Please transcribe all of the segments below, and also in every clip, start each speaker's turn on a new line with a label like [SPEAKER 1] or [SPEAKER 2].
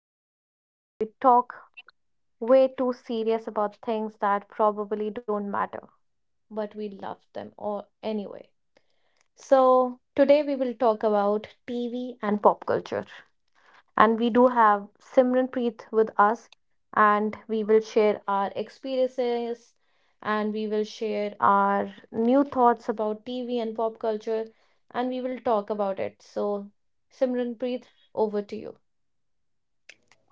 [SPEAKER 1] podcast where we talk way too serious about things that probably don't matter, but we love them or anyway. So, today we will talk about TV and pop culture. And we do have Simran Preet with us, and we will share our experiences and we will share our new thoughts about TV and pop culture and we will talk about it. So, Simran Preet, over to you.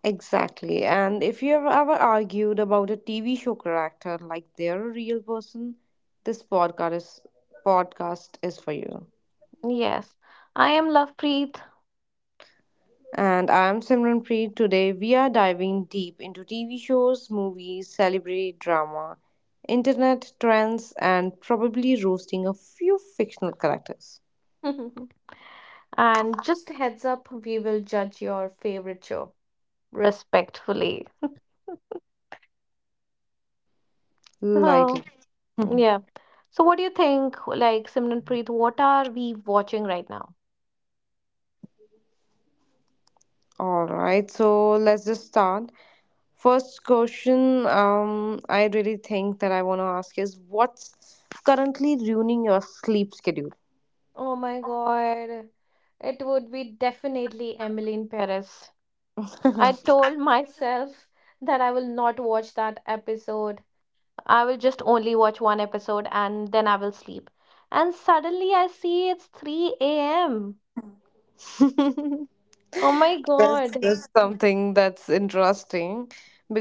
[SPEAKER 2] Exactly. And if you have ever argued about a TV show character like they're a real person, this podcast is, podcast is for you.
[SPEAKER 1] Yes, I am Love Preet.
[SPEAKER 2] And I'm Simran Preet. Today we are diving deep into TV shows, movies, celebrity drama, internet trends, and probably roasting a few fictional characters.
[SPEAKER 1] And just a heads up, we will judge your favorite show respectfully. Oh,
[SPEAKER 2] Lightly.
[SPEAKER 1] yeah. So, what do you think, like Simran Preet, what are we watching right now?
[SPEAKER 2] All right, so let's just start. First question I really think that I want to ask is what's currently ruining your sleep schedule?
[SPEAKER 1] Oh my God. It would be definitely Emily in Paris. I told myself that I will not watch that episode. I will just only watch one episode and then I will sleep. And suddenly I see it's 3 a.m.
[SPEAKER 2] that's,
[SPEAKER 1] Oh my God.
[SPEAKER 2] that's something that's interesting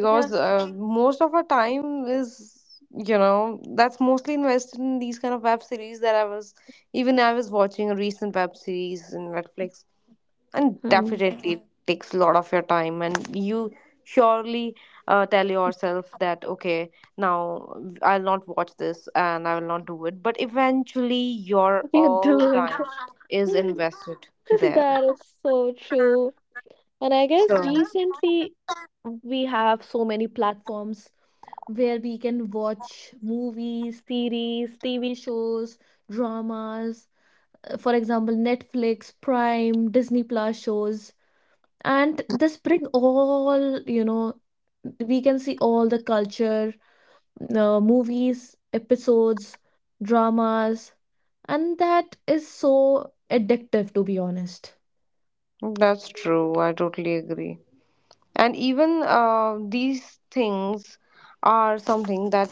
[SPEAKER 1] Yeah.
[SPEAKER 2] most of our time is you know that's mostly invested in these kind of web series that I was even I was watching a recent web series in Netflix, and
[SPEAKER 1] Hmm.
[SPEAKER 2] definitely it takes a lot of your time. And you surely tell yourself that okay, now I'll not watch this and I will not do it, but eventually your
[SPEAKER 1] You
[SPEAKER 2] all
[SPEAKER 1] do it.
[SPEAKER 2] time is invested there.
[SPEAKER 1] That is so true. And I guess
[SPEAKER 2] So
[SPEAKER 1] recently we have so many platforms where we can watch movies, series, TV shows, dramas, for example, Netflix, Prime, Disney Plus shows. And this bring all, you know, we can see all the culture, movies, episodes, dramas, and that is so addictive to be honest.
[SPEAKER 2] that's true, I totally agree. And even these things are something that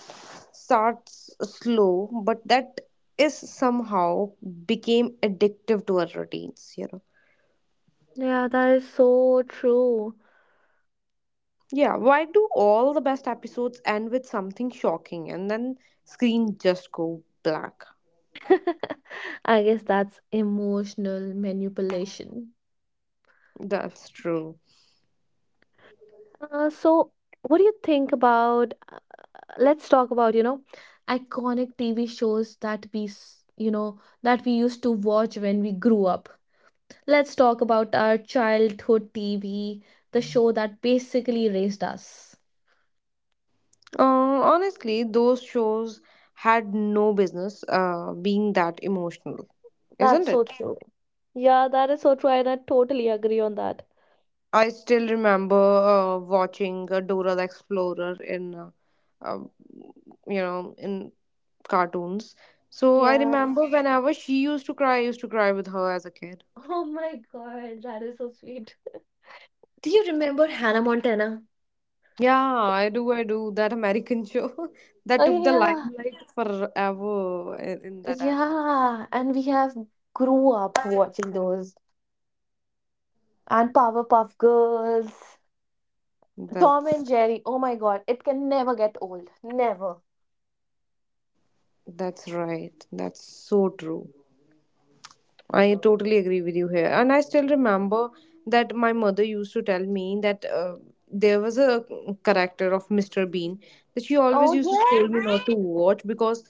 [SPEAKER 2] starts slow but that is somehow became addictive to our routines, you know.
[SPEAKER 1] Yeah, that is so true.
[SPEAKER 2] Yeah, why do all the best episodes end with something shocking and then screen just go black?
[SPEAKER 1] I guess that's emotional manipulation.
[SPEAKER 2] That's true.
[SPEAKER 1] So what do you think about let's talk about, you know, iconic TV shows that you know, that we used to watch when we grew up. Let's talk about our childhood TV, the show that basically raised us.
[SPEAKER 2] Honestly, those shows had no business being that emotional,
[SPEAKER 1] That's
[SPEAKER 2] isn't
[SPEAKER 1] so
[SPEAKER 2] it?
[SPEAKER 1] true. Yeah, that is so true, and I totally agree on that.
[SPEAKER 2] I still remember watching Dora the Explorer in, uh, you know, in cartoons. So I
[SPEAKER 1] Yeah.
[SPEAKER 2] remember whenever she used to cry, I used to cry with her as a kid.
[SPEAKER 1] Oh my God, that is so sweet. Do you remember Hannah Montana?
[SPEAKER 2] Yeah, I do. I do. That American show that
[SPEAKER 1] Oh
[SPEAKER 2] took the
[SPEAKER 1] yeah,
[SPEAKER 2] limelight forever in that era.
[SPEAKER 1] yeah, and we have grew up watching those. And Powerpuff Girls, Tom
[SPEAKER 2] That's
[SPEAKER 1] and Jerry. Oh my god, it can never get old. Never.
[SPEAKER 2] that's right. That's so true. I totally agree with you here. And I still remember that my mother used to tell me that there was a character of Mr. Bean that she
[SPEAKER 1] Oh
[SPEAKER 2] always used to scold me
[SPEAKER 1] yes,
[SPEAKER 2] not to watch, because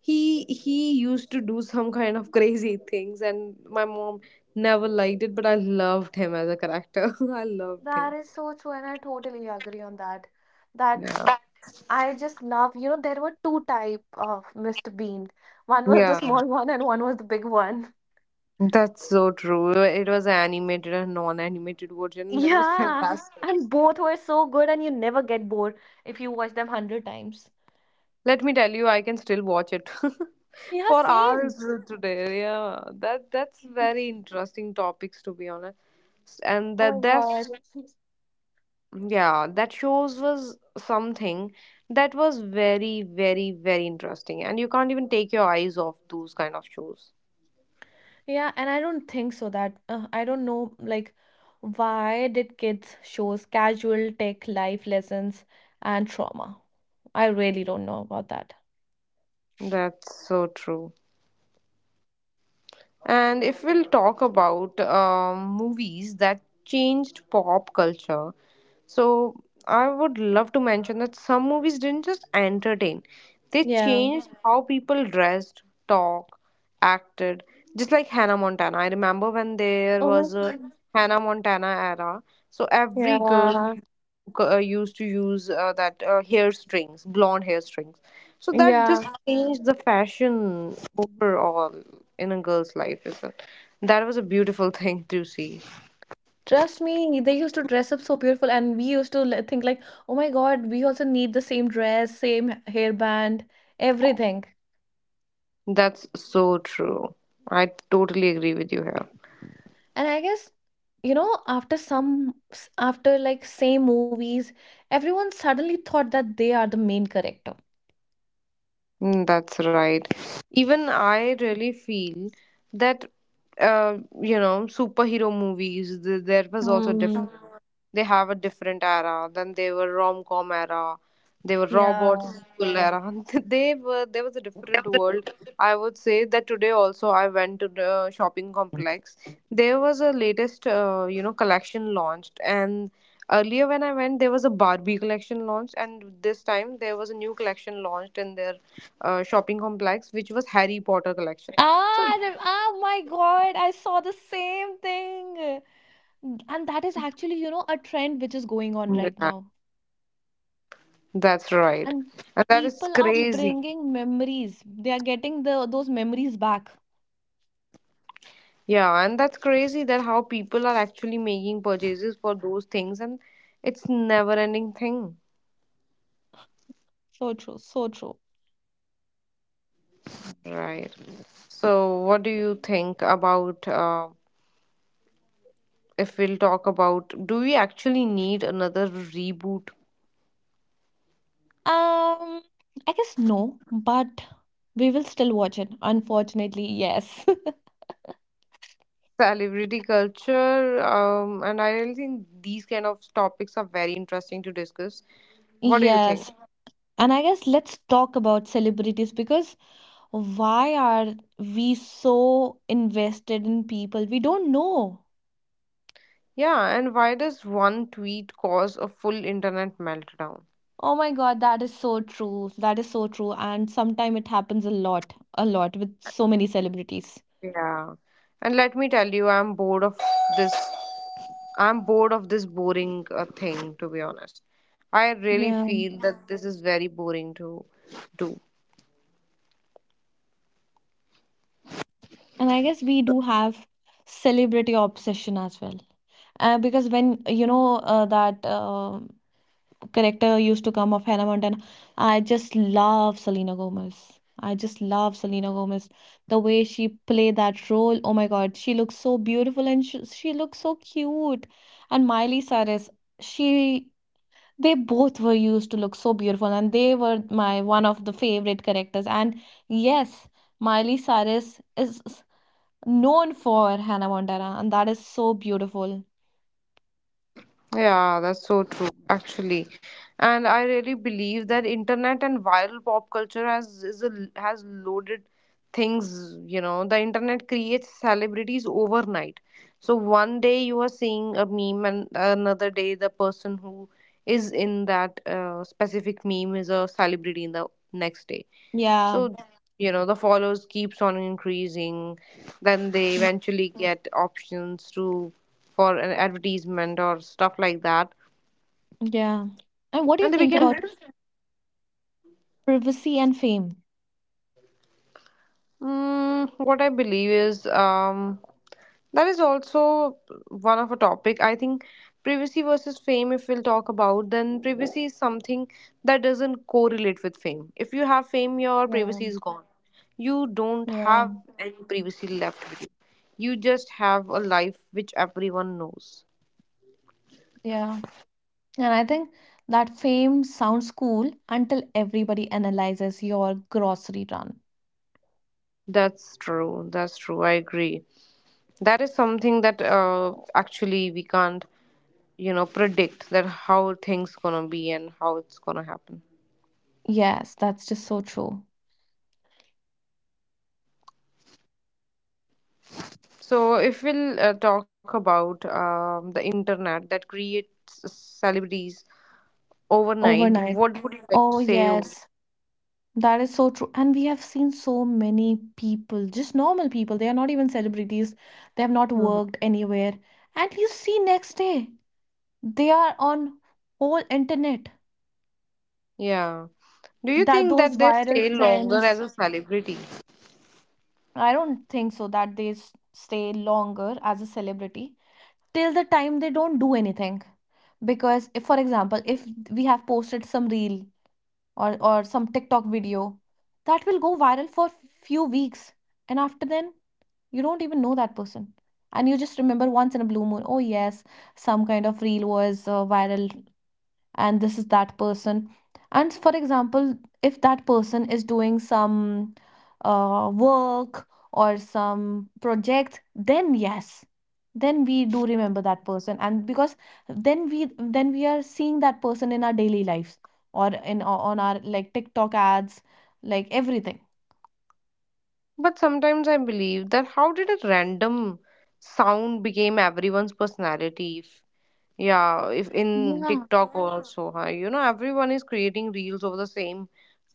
[SPEAKER 2] he used to do some kind of crazy things and my mom never liked it, but I loved him as a character. I loved
[SPEAKER 1] that
[SPEAKER 2] him.
[SPEAKER 1] is so true, and I totally agree on that. That
[SPEAKER 2] Yeah.
[SPEAKER 1] I just love, you know, there were two type of Mr. Bean. One was the
[SPEAKER 2] Yeah.
[SPEAKER 1] small one and one was the big one.
[SPEAKER 2] That's so true. It was animated and non-animated version. That was
[SPEAKER 1] Yeah.
[SPEAKER 2] fantastic.
[SPEAKER 1] And both were so good and you never get bored if you watch them 100 times.
[SPEAKER 2] Let me tell you, I can still watch it
[SPEAKER 1] Yeah,
[SPEAKER 2] for hours
[SPEAKER 1] same.
[SPEAKER 2] today. Yeah, that that's very interesting topics, to be honest. And
[SPEAKER 1] Oh my
[SPEAKER 2] that
[SPEAKER 1] god.
[SPEAKER 2] that's yeah, that shows was something that was very very very interesting, and you can't even take your eyes off those kind of shows.
[SPEAKER 1] Yeah, and I don't think so that I don't know like why did kids shows casual tech life lessons and trauma? I really don't know about that.
[SPEAKER 2] That's so true. And if we'll talk about movies that changed pop culture, so I would love to mention that some movies didn't just entertain, they
[SPEAKER 1] Yeah.
[SPEAKER 2] changed how people dressed, talk, acted. Just like Hannah Montana. I remember when there
[SPEAKER 1] Oh
[SPEAKER 2] was
[SPEAKER 1] my
[SPEAKER 2] a
[SPEAKER 1] God.
[SPEAKER 2] Hannah Montana era, so every girl
[SPEAKER 1] Yeah.
[SPEAKER 2] used to use that hair strings, blonde hair strings. So that just
[SPEAKER 1] Yeah.
[SPEAKER 2] changed the fashion overall in a girl's life. Is it? That was a beautiful thing to see.
[SPEAKER 1] Trust me, they used to dress up so beautiful, and we used to think like, oh my God, we also need the same dress, same hairband, everything.
[SPEAKER 2] That's so true. I totally agree with you here.
[SPEAKER 1] And I guess, you know, after after like same movies, everyone suddenly thought that they are the main character.
[SPEAKER 2] Mm, that's right. Even I really feel that, you know, superhero movies, there was also different.
[SPEAKER 1] Mm,
[SPEAKER 2] They have a different era. Then they were rom com era. They were robot
[SPEAKER 1] yeah.
[SPEAKER 2] sequel era. they were there was a different world. I would say that today also I went to the shopping complex. There was a latest you know, collection launched, and earlier when I went there was a Barbie collection launched, and this time there was a new collection launched in their shopping complex which was Harry Potter collection. So
[SPEAKER 1] Ah, my God, I saw the same thing. And that is actually, you know, a trend which is going on right
[SPEAKER 2] yeah,
[SPEAKER 1] now.
[SPEAKER 2] that's right.
[SPEAKER 1] And
[SPEAKER 2] And that is
[SPEAKER 1] people are
[SPEAKER 2] crazy.
[SPEAKER 1] bringing memories. They are getting the those memories back.
[SPEAKER 2] Yeah, and that's crazy that how people are actually making purchases for those things, and it's never ending thing.
[SPEAKER 1] So true, so true.
[SPEAKER 2] Right. So what do you think about if we'll talk about, do we actually need another reboot?
[SPEAKER 1] Um, I guess no, but we will still watch it. Unfortunately, yes.
[SPEAKER 2] Celebrity culture, and I really think these kind of topics are very interesting to discuss. What do you think?
[SPEAKER 1] Yes. And I guess let's talk about celebrities because why are we so invested in people we don't know?
[SPEAKER 2] Yeah, and why does one tweet cause a full internet meltdown?
[SPEAKER 1] Oh my god, that is so true. That is so true. And sometimes it happens a lot with so many celebrities.
[SPEAKER 2] Yeah. And let me tell you, this I'm bored of this boring thing, to be honest. I really
[SPEAKER 1] Yeah.
[SPEAKER 2] feel that this is very boring to do.
[SPEAKER 1] And I guess we do have celebrity obsession as well. Because when you know that character used to come of Hannah Montana. I just love Selena Gomez. I just love Selena Gomez. The way she played that role, oh my god, she looks so beautiful and she looks so cute. And Miley Cyrus, she they both were used to look so beautiful and they were my one of the favorite characters. And yes, Miley Cyrus is known for Hannah Montana and that is so beautiful.
[SPEAKER 2] Yeah, that's so true, actually. And I really believe that internet and viral pop culture has is a, has loaded things. You know, the internet creates celebrities overnight. So one day you are seeing a meme, and another day the person who is in that specific meme is a celebrity in the next day.
[SPEAKER 1] Yeah.
[SPEAKER 2] So, you know, the followers keeps on increasing. Then they
[SPEAKER 1] Mm,
[SPEAKER 2] eventually get options to for an advertisement or stuff like that.
[SPEAKER 1] yeah. And what do you
[SPEAKER 2] And they
[SPEAKER 1] think
[SPEAKER 2] became
[SPEAKER 1] about privacy and fame?
[SPEAKER 2] What I believe is that is also one of a topic. I think privacy versus fame, if we'll talk about, then privacy is something that doesn't correlate with fame. If you have fame, your
[SPEAKER 1] Yeah,
[SPEAKER 2] privacy is gone. You don't
[SPEAKER 1] yeah,
[SPEAKER 2] have any privacy left with you. You just have a life which everyone knows.
[SPEAKER 1] yeah. And I think that fame sounds cool until everybody analyzes your grocery run.
[SPEAKER 2] That's true. That's true. I agree. That is something that actually we can't you know predict that how things gonna be and how it's gonna happen.
[SPEAKER 1] Yes, that's just so true.
[SPEAKER 2] So if we'll talk about the internet that creates celebrities overnight,
[SPEAKER 1] Overnight.
[SPEAKER 2] what would you like to
[SPEAKER 1] Oh,
[SPEAKER 2] say?
[SPEAKER 1] yes, that is so true. And we have seen so many people, just normal people, they are not even celebrities, they have not
[SPEAKER 2] Mhm.
[SPEAKER 1] worked anywhere. And you see next day, they are on whole internet.
[SPEAKER 2] Yeah, do you
[SPEAKER 1] That
[SPEAKER 2] think
[SPEAKER 1] those
[SPEAKER 2] that they
[SPEAKER 1] viral
[SPEAKER 2] stay longer
[SPEAKER 1] trends.
[SPEAKER 2] as a celebrity?
[SPEAKER 1] I don't think so that they stay longer as a celebrity till the time they don't do anything. Because if, for example, if we have posted some reel or some TikTok video, that will go viral for few weeks, and after then you don't even know that person, and you just remember once in a blue moon, oh yes, some kind of reel was viral and this is that person and for example if that person is doing some work or some project then yes then we do remember that person and because then we are seeing that person in our daily lives or in on our like TikTok ads like everything
[SPEAKER 2] But sometimes I believe that how did a random sound became everyone's personality. Yeah, if in
[SPEAKER 1] yeah
[SPEAKER 2] TikTok also, huh, you know, everyone is creating reels over the same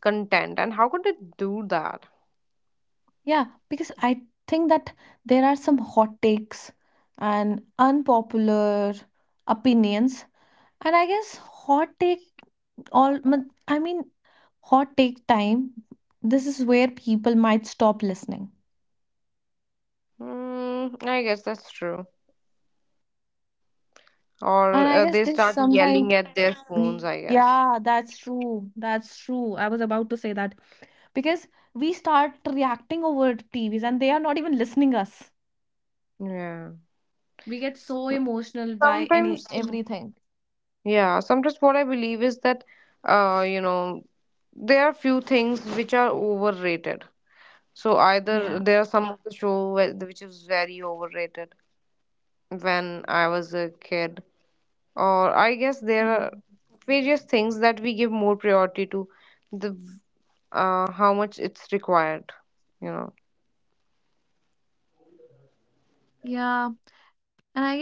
[SPEAKER 2] content, and how could they do that?
[SPEAKER 1] yeah because I think that there are some hot takes and unpopular opinions and I guess hot take all mon- I mean, hot take time. This is where people might stop listening.
[SPEAKER 2] Hmm, I guess that's true. Or
[SPEAKER 1] And I guess
[SPEAKER 2] they
[SPEAKER 1] there's
[SPEAKER 2] start yelling
[SPEAKER 1] sometime
[SPEAKER 2] at their phones, I
[SPEAKER 1] yeah,
[SPEAKER 2] guess.
[SPEAKER 1] that's true. That's true. I was about to say that because we start reacting over TVs and they are not even listening us.
[SPEAKER 2] Yeah.
[SPEAKER 1] We get so emotional by any
[SPEAKER 2] Sometimes,
[SPEAKER 1] everything.
[SPEAKER 2] yeah, sometimes what I believe is that, you know, there are few things which are overrated. So either
[SPEAKER 1] Yeah.
[SPEAKER 2] there are some of the show which is very overrated when I was a kid. Or I guess there are
[SPEAKER 1] Mhm.
[SPEAKER 2] various things that we give more priority to the how much it's required, you know.
[SPEAKER 1] Yeah. And I guess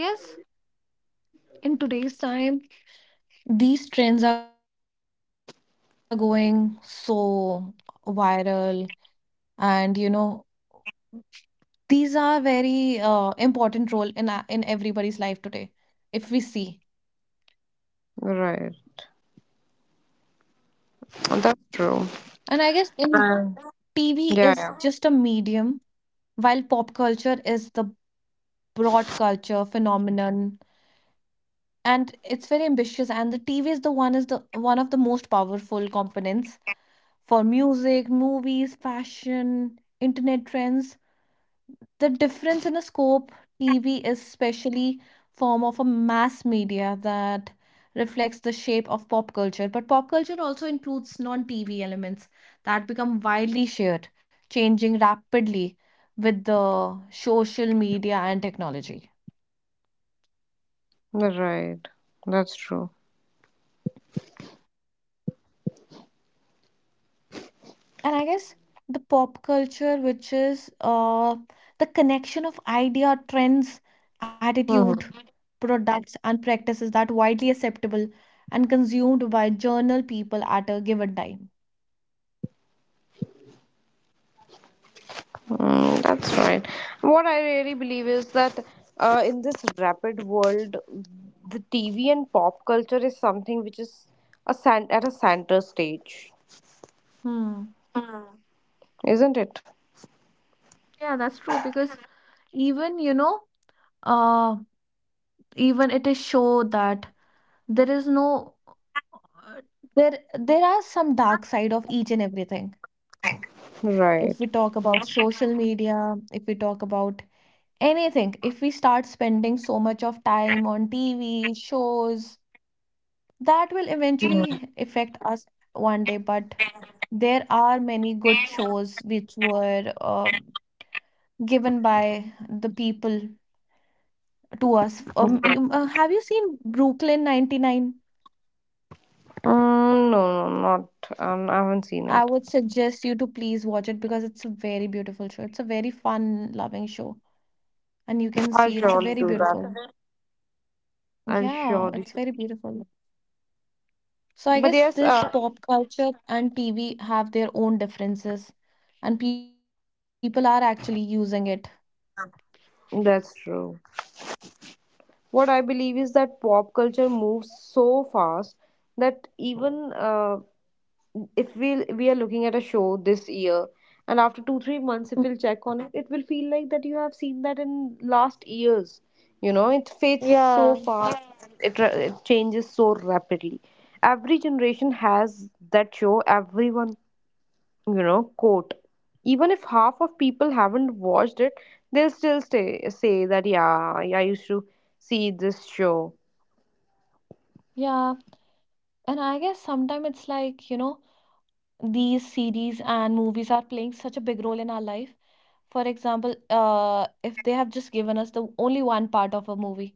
[SPEAKER 1] in today's time, these trends are going so viral and you know these are very important role in in everybody's life today, if we see.
[SPEAKER 2] Right. Oh, that's
[SPEAKER 1] And I
[SPEAKER 2] true.
[SPEAKER 1] guess in TV is just
[SPEAKER 2] yeah
[SPEAKER 1] a
[SPEAKER 2] yeah
[SPEAKER 1] medium, while pop culture is the broad culture phenomenon, and it's very ambitious. And the TV is the one of the most powerful components for music, movies, fashion, internet trends, the difference in a scope. TV is specially form of a mass media that reflects the shape of pop culture, but pop culture also includes non-TV elements that become widely shared, changing rapidly with the social media and technology.
[SPEAKER 2] That's right. That's true.
[SPEAKER 1] And I guess the pop culture, which is the connection of idea, trends, attitude,
[SPEAKER 2] Hmm.
[SPEAKER 1] products, and practices that widely acceptable and consumed by journal people at a given time.
[SPEAKER 2] Mm, that's right. What I really believe is that in this rapid world the TV and pop culture is something which is a at a center stage,
[SPEAKER 1] Hmm.
[SPEAKER 2] isn't it?
[SPEAKER 1] Yeah, that's true because even, you know, uh, even it is show that there is no uh, there are some dark side of each and everything. If we
[SPEAKER 2] Right.
[SPEAKER 1] talk about social media, if we talk about anything, if we start spending so much of time on TV shows that will eventually affect us one day, but there are many good shows which were given by the people to us. Have you seen Brooklyn 99?
[SPEAKER 2] Mm, no, no, not. I haven't seen
[SPEAKER 1] I
[SPEAKER 2] it.
[SPEAKER 1] would suggest you to please watch it because it's a very beautiful show, it's a very fun loving show and you can
[SPEAKER 2] I'll
[SPEAKER 1] see it's a
[SPEAKER 2] surely
[SPEAKER 1] very
[SPEAKER 2] do that.
[SPEAKER 1] beautiful,
[SPEAKER 2] I'll
[SPEAKER 1] yeah,
[SPEAKER 2] surely.
[SPEAKER 1] it's very beautiful. So I
[SPEAKER 2] But
[SPEAKER 1] guess
[SPEAKER 2] yes,
[SPEAKER 1] this pop culture and TV have their own differences, and people are actually using it.
[SPEAKER 2] that's true. What I believe is that pop culture moves so fast that even if we are looking at a show this year, and after 2 3 months, if we'll check on it, it will feel like that you have seen that in last years. You know, it fades
[SPEAKER 1] Yeah.
[SPEAKER 2] so fast. And it changes so rapidly. Every generation has that show. Everyone, you know, quote, even if half of people haven't watched it, they'll still stay say that yeah, yeah, I used to see this show.
[SPEAKER 1] Yeah, and I guess sometimes it's like, you know, these series and movies are playing such a big role in our life. For example, if they have just given us the only one part of a movie,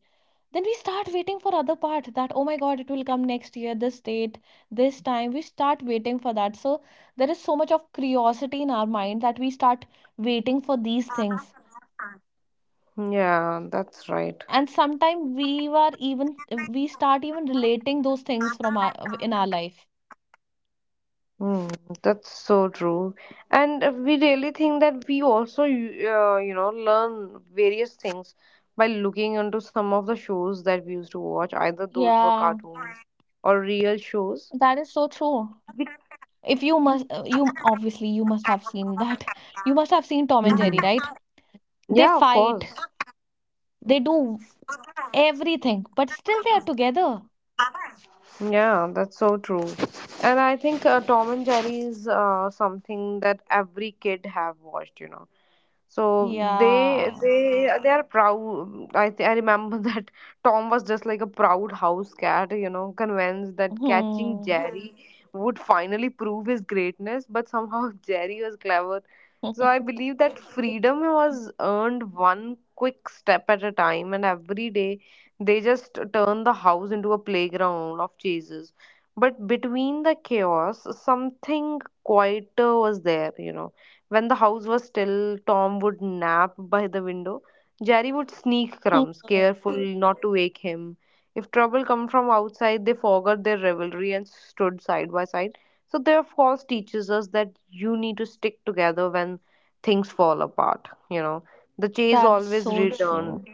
[SPEAKER 1] then we start waiting for other part that oh my god it will come next year, this date, this time we start waiting for that. So there is so much of curiosity in our mind that we start waiting for these things.
[SPEAKER 2] Yeah, that's right.
[SPEAKER 1] And sometimes we were even we start even relating those things from our in our life.
[SPEAKER 2] Hmm, that's so true. And we really think that we also, you know, learn various things by looking into some of the shows that we used to watch. Either those were
[SPEAKER 1] Yeah,
[SPEAKER 2] cartoons or real shows.
[SPEAKER 1] that is so true. If you must, you obviously you must have seen that. You must have seen Tom and
[SPEAKER 2] Mhm.
[SPEAKER 1] Jerry, right? They
[SPEAKER 2] Yeah, of
[SPEAKER 1] fight,
[SPEAKER 2] course.
[SPEAKER 1] they do everything, but still they are together.
[SPEAKER 2] Yeah, that's so true. And I think Tom and Jerry is something that every kid have watched, you know. So they
[SPEAKER 1] Yeah.
[SPEAKER 2] they they are proud. I remember that Tom was just like a proud house cat, you know, convinced that catching
[SPEAKER 1] Mhm.
[SPEAKER 2] Jerry Mhm. would finally prove his greatness. But somehow Jerry was clever. So I
[SPEAKER 1] Mhm.
[SPEAKER 2] believe that freedom was earned one quick step at a time, and every day they just turn the house into a playground of chases. But between the chaos, something quieter was there, you know. When the house was still, Tom would nap by the window. Jerry would sneak crumbs, careful not to wake him. If trouble come from outside, they forgot their rivalry and stood side by side. So their falls teaches us that you need to stick together when things fall apart. You know, the chase
[SPEAKER 1] That's
[SPEAKER 2] always
[SPEAKER 1] so
[SPEAKER 2] returned,
[SPEAKER 1] true.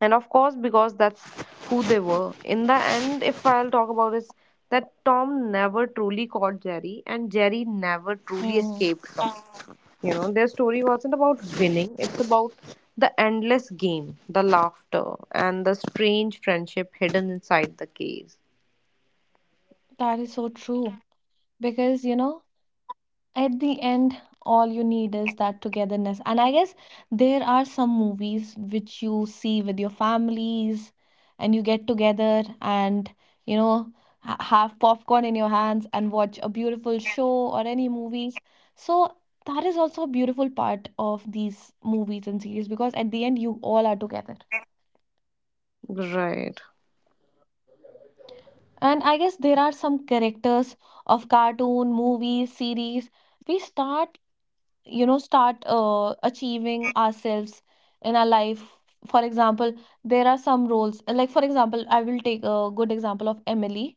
[SPEAKER 2] and of course because that's who they were in the end. If I'll talk about is that Tom never truly caught Jerry, and Jerry never truly
[SPEAKER 1] Mhm.
[SPEAKER 2] escaped Tom. You know, their story wasn't about winning, it's about the endless game, the laughter, and the strange friendship hidden inside the case.
[SPEAKER 1] That is so true. Because, you know, at the end, all you need is that togetherness. And I guess there are some movies which you see with your families and you get together and, you know, ha have popcorn in your hands and watch a beautiful show or any movies. So that is also a beautiful part of these movies and series because at the end, you all are together.
[SPEAKER 2] Right.
[SPEAKER 1] And I guess there are some characters of cartoon, movies, series. We start, you know, start achieving ourselves in our life. For example, there are some roles. Like, for example, I will take a good example of Emily,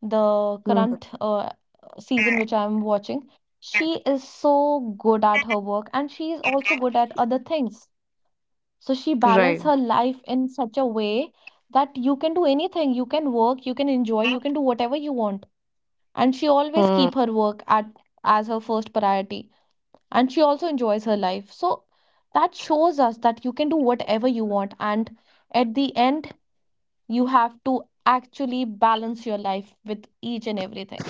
[SPEAKER 1] the
[SPEAKER 2] Mhm.
[SPEAKER 1] current season which I am watching. She is so good at her work and she is also good at other things. So she
[SPEAKER 2] Right.
[SPEAKER 1] balances her life in such a way that you can do anything. You can work, you can enjoy, you can do whatever you want, and she always
[SPEAKER 2] Mm.
[SPEAKER 1] keep her work at as her first priority and she also enjoys her life. So that shows us that you can do whatever you want and at the end you have to actually balance your life with each and everything.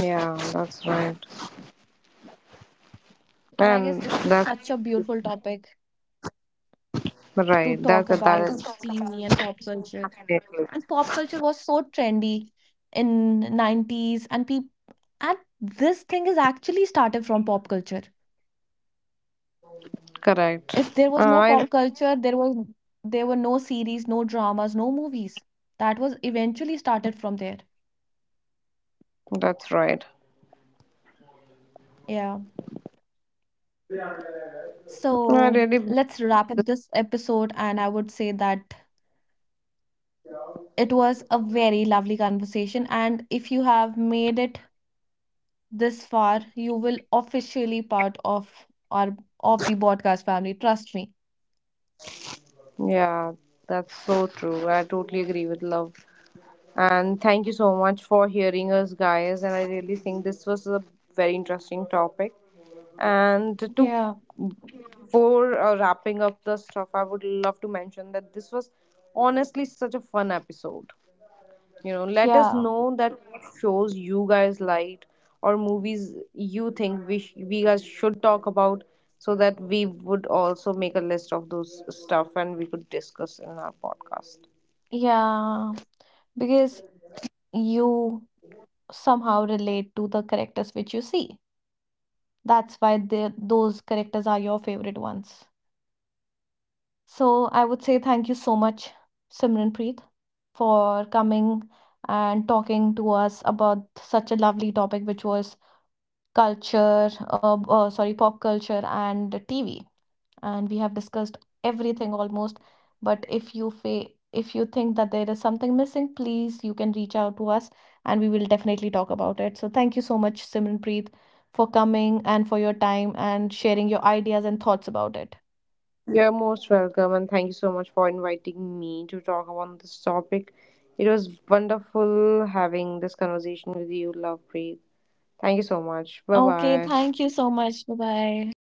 [SPEAKER 2] Yeah, that's right.
[SPEAKER 1] And I guess it's a,
[SPEAKER 2] and
[SPEAKER 1] such a
[SPEAKER 2] that's
[SPEAKER 1] beautiful topic to talk
[SPEAKER 2] right that's
[SPEAKER 1] about,
[SPEAKER 2] that
[SPEAKER 1] TV and
[SPEAKER 2] is
[SPEAKER 1] pop culture. And pop culture was so trendy in 90's and people, and this thing is actually started from pop culture.
[SPEAKER 2] Correct.
[SPEAKER 1] If there was no
[SPEAKER 2] I.
[SPEAKER 1] pop culture, there was there were no series, no dramas, no movies. That was eventually started from there.
[SPEAKER 2] That's right.
[SPEAKER 1] Yeah.
[SPEAKER 2] I
[SPEAKER 1] So
[SPEAKER 2] really, believe
[SPEAKER 1] let's wrap up
[SPEAKER 2] this-
[SPEAKER 1] this episode, and I would say that it was a very lovely conversation. And if you have made it this far, you will officially part of our of the podcast family. Trust me.
[SPEAKER 2] yeah, that's so true. I totally agree with love. And thank you so much for hearing us, guys. And I really think this was a very interesting topic. And to
[SPEAKER 1] Yeah,
[SPEAKER 2] for wrapping up the stuff, I would love to mention that this was honestly such a fun episode. You know, let us
[SPEAKER 1] yeah,
[SPEAKER 2] know that what shows you guys liked or movies you think we guys should talk about, so that we would also make a list of those stuff and we could discuss in our podcast.
[SPEAKER 1] yeah. Because you somehow relate to the characters which you see. That's why they, those characters are your favorite ones. So I would say thank you so much, Simranpreet, for coming and talking to us about such a lovely topic, which was pop culture and TV, and we have discussed everything almost. But if you think that there is something missing, please you can reach out to us and we will definitely talk about it. So thank you so much, Simranpreet, for coming and for your time and sharing your ideas and thoughts about it.
[SPEAKER 2] You're most welcome, and thank you so much for inviting me to talk about this topic. It was wonderful having this conversation with you, Love Breathe. Thank you so much, bye
[SPEAKER 1] Okay,
[SPEAKER 2] bye.
[SPEAKER 1] thank you so much. Bye bye.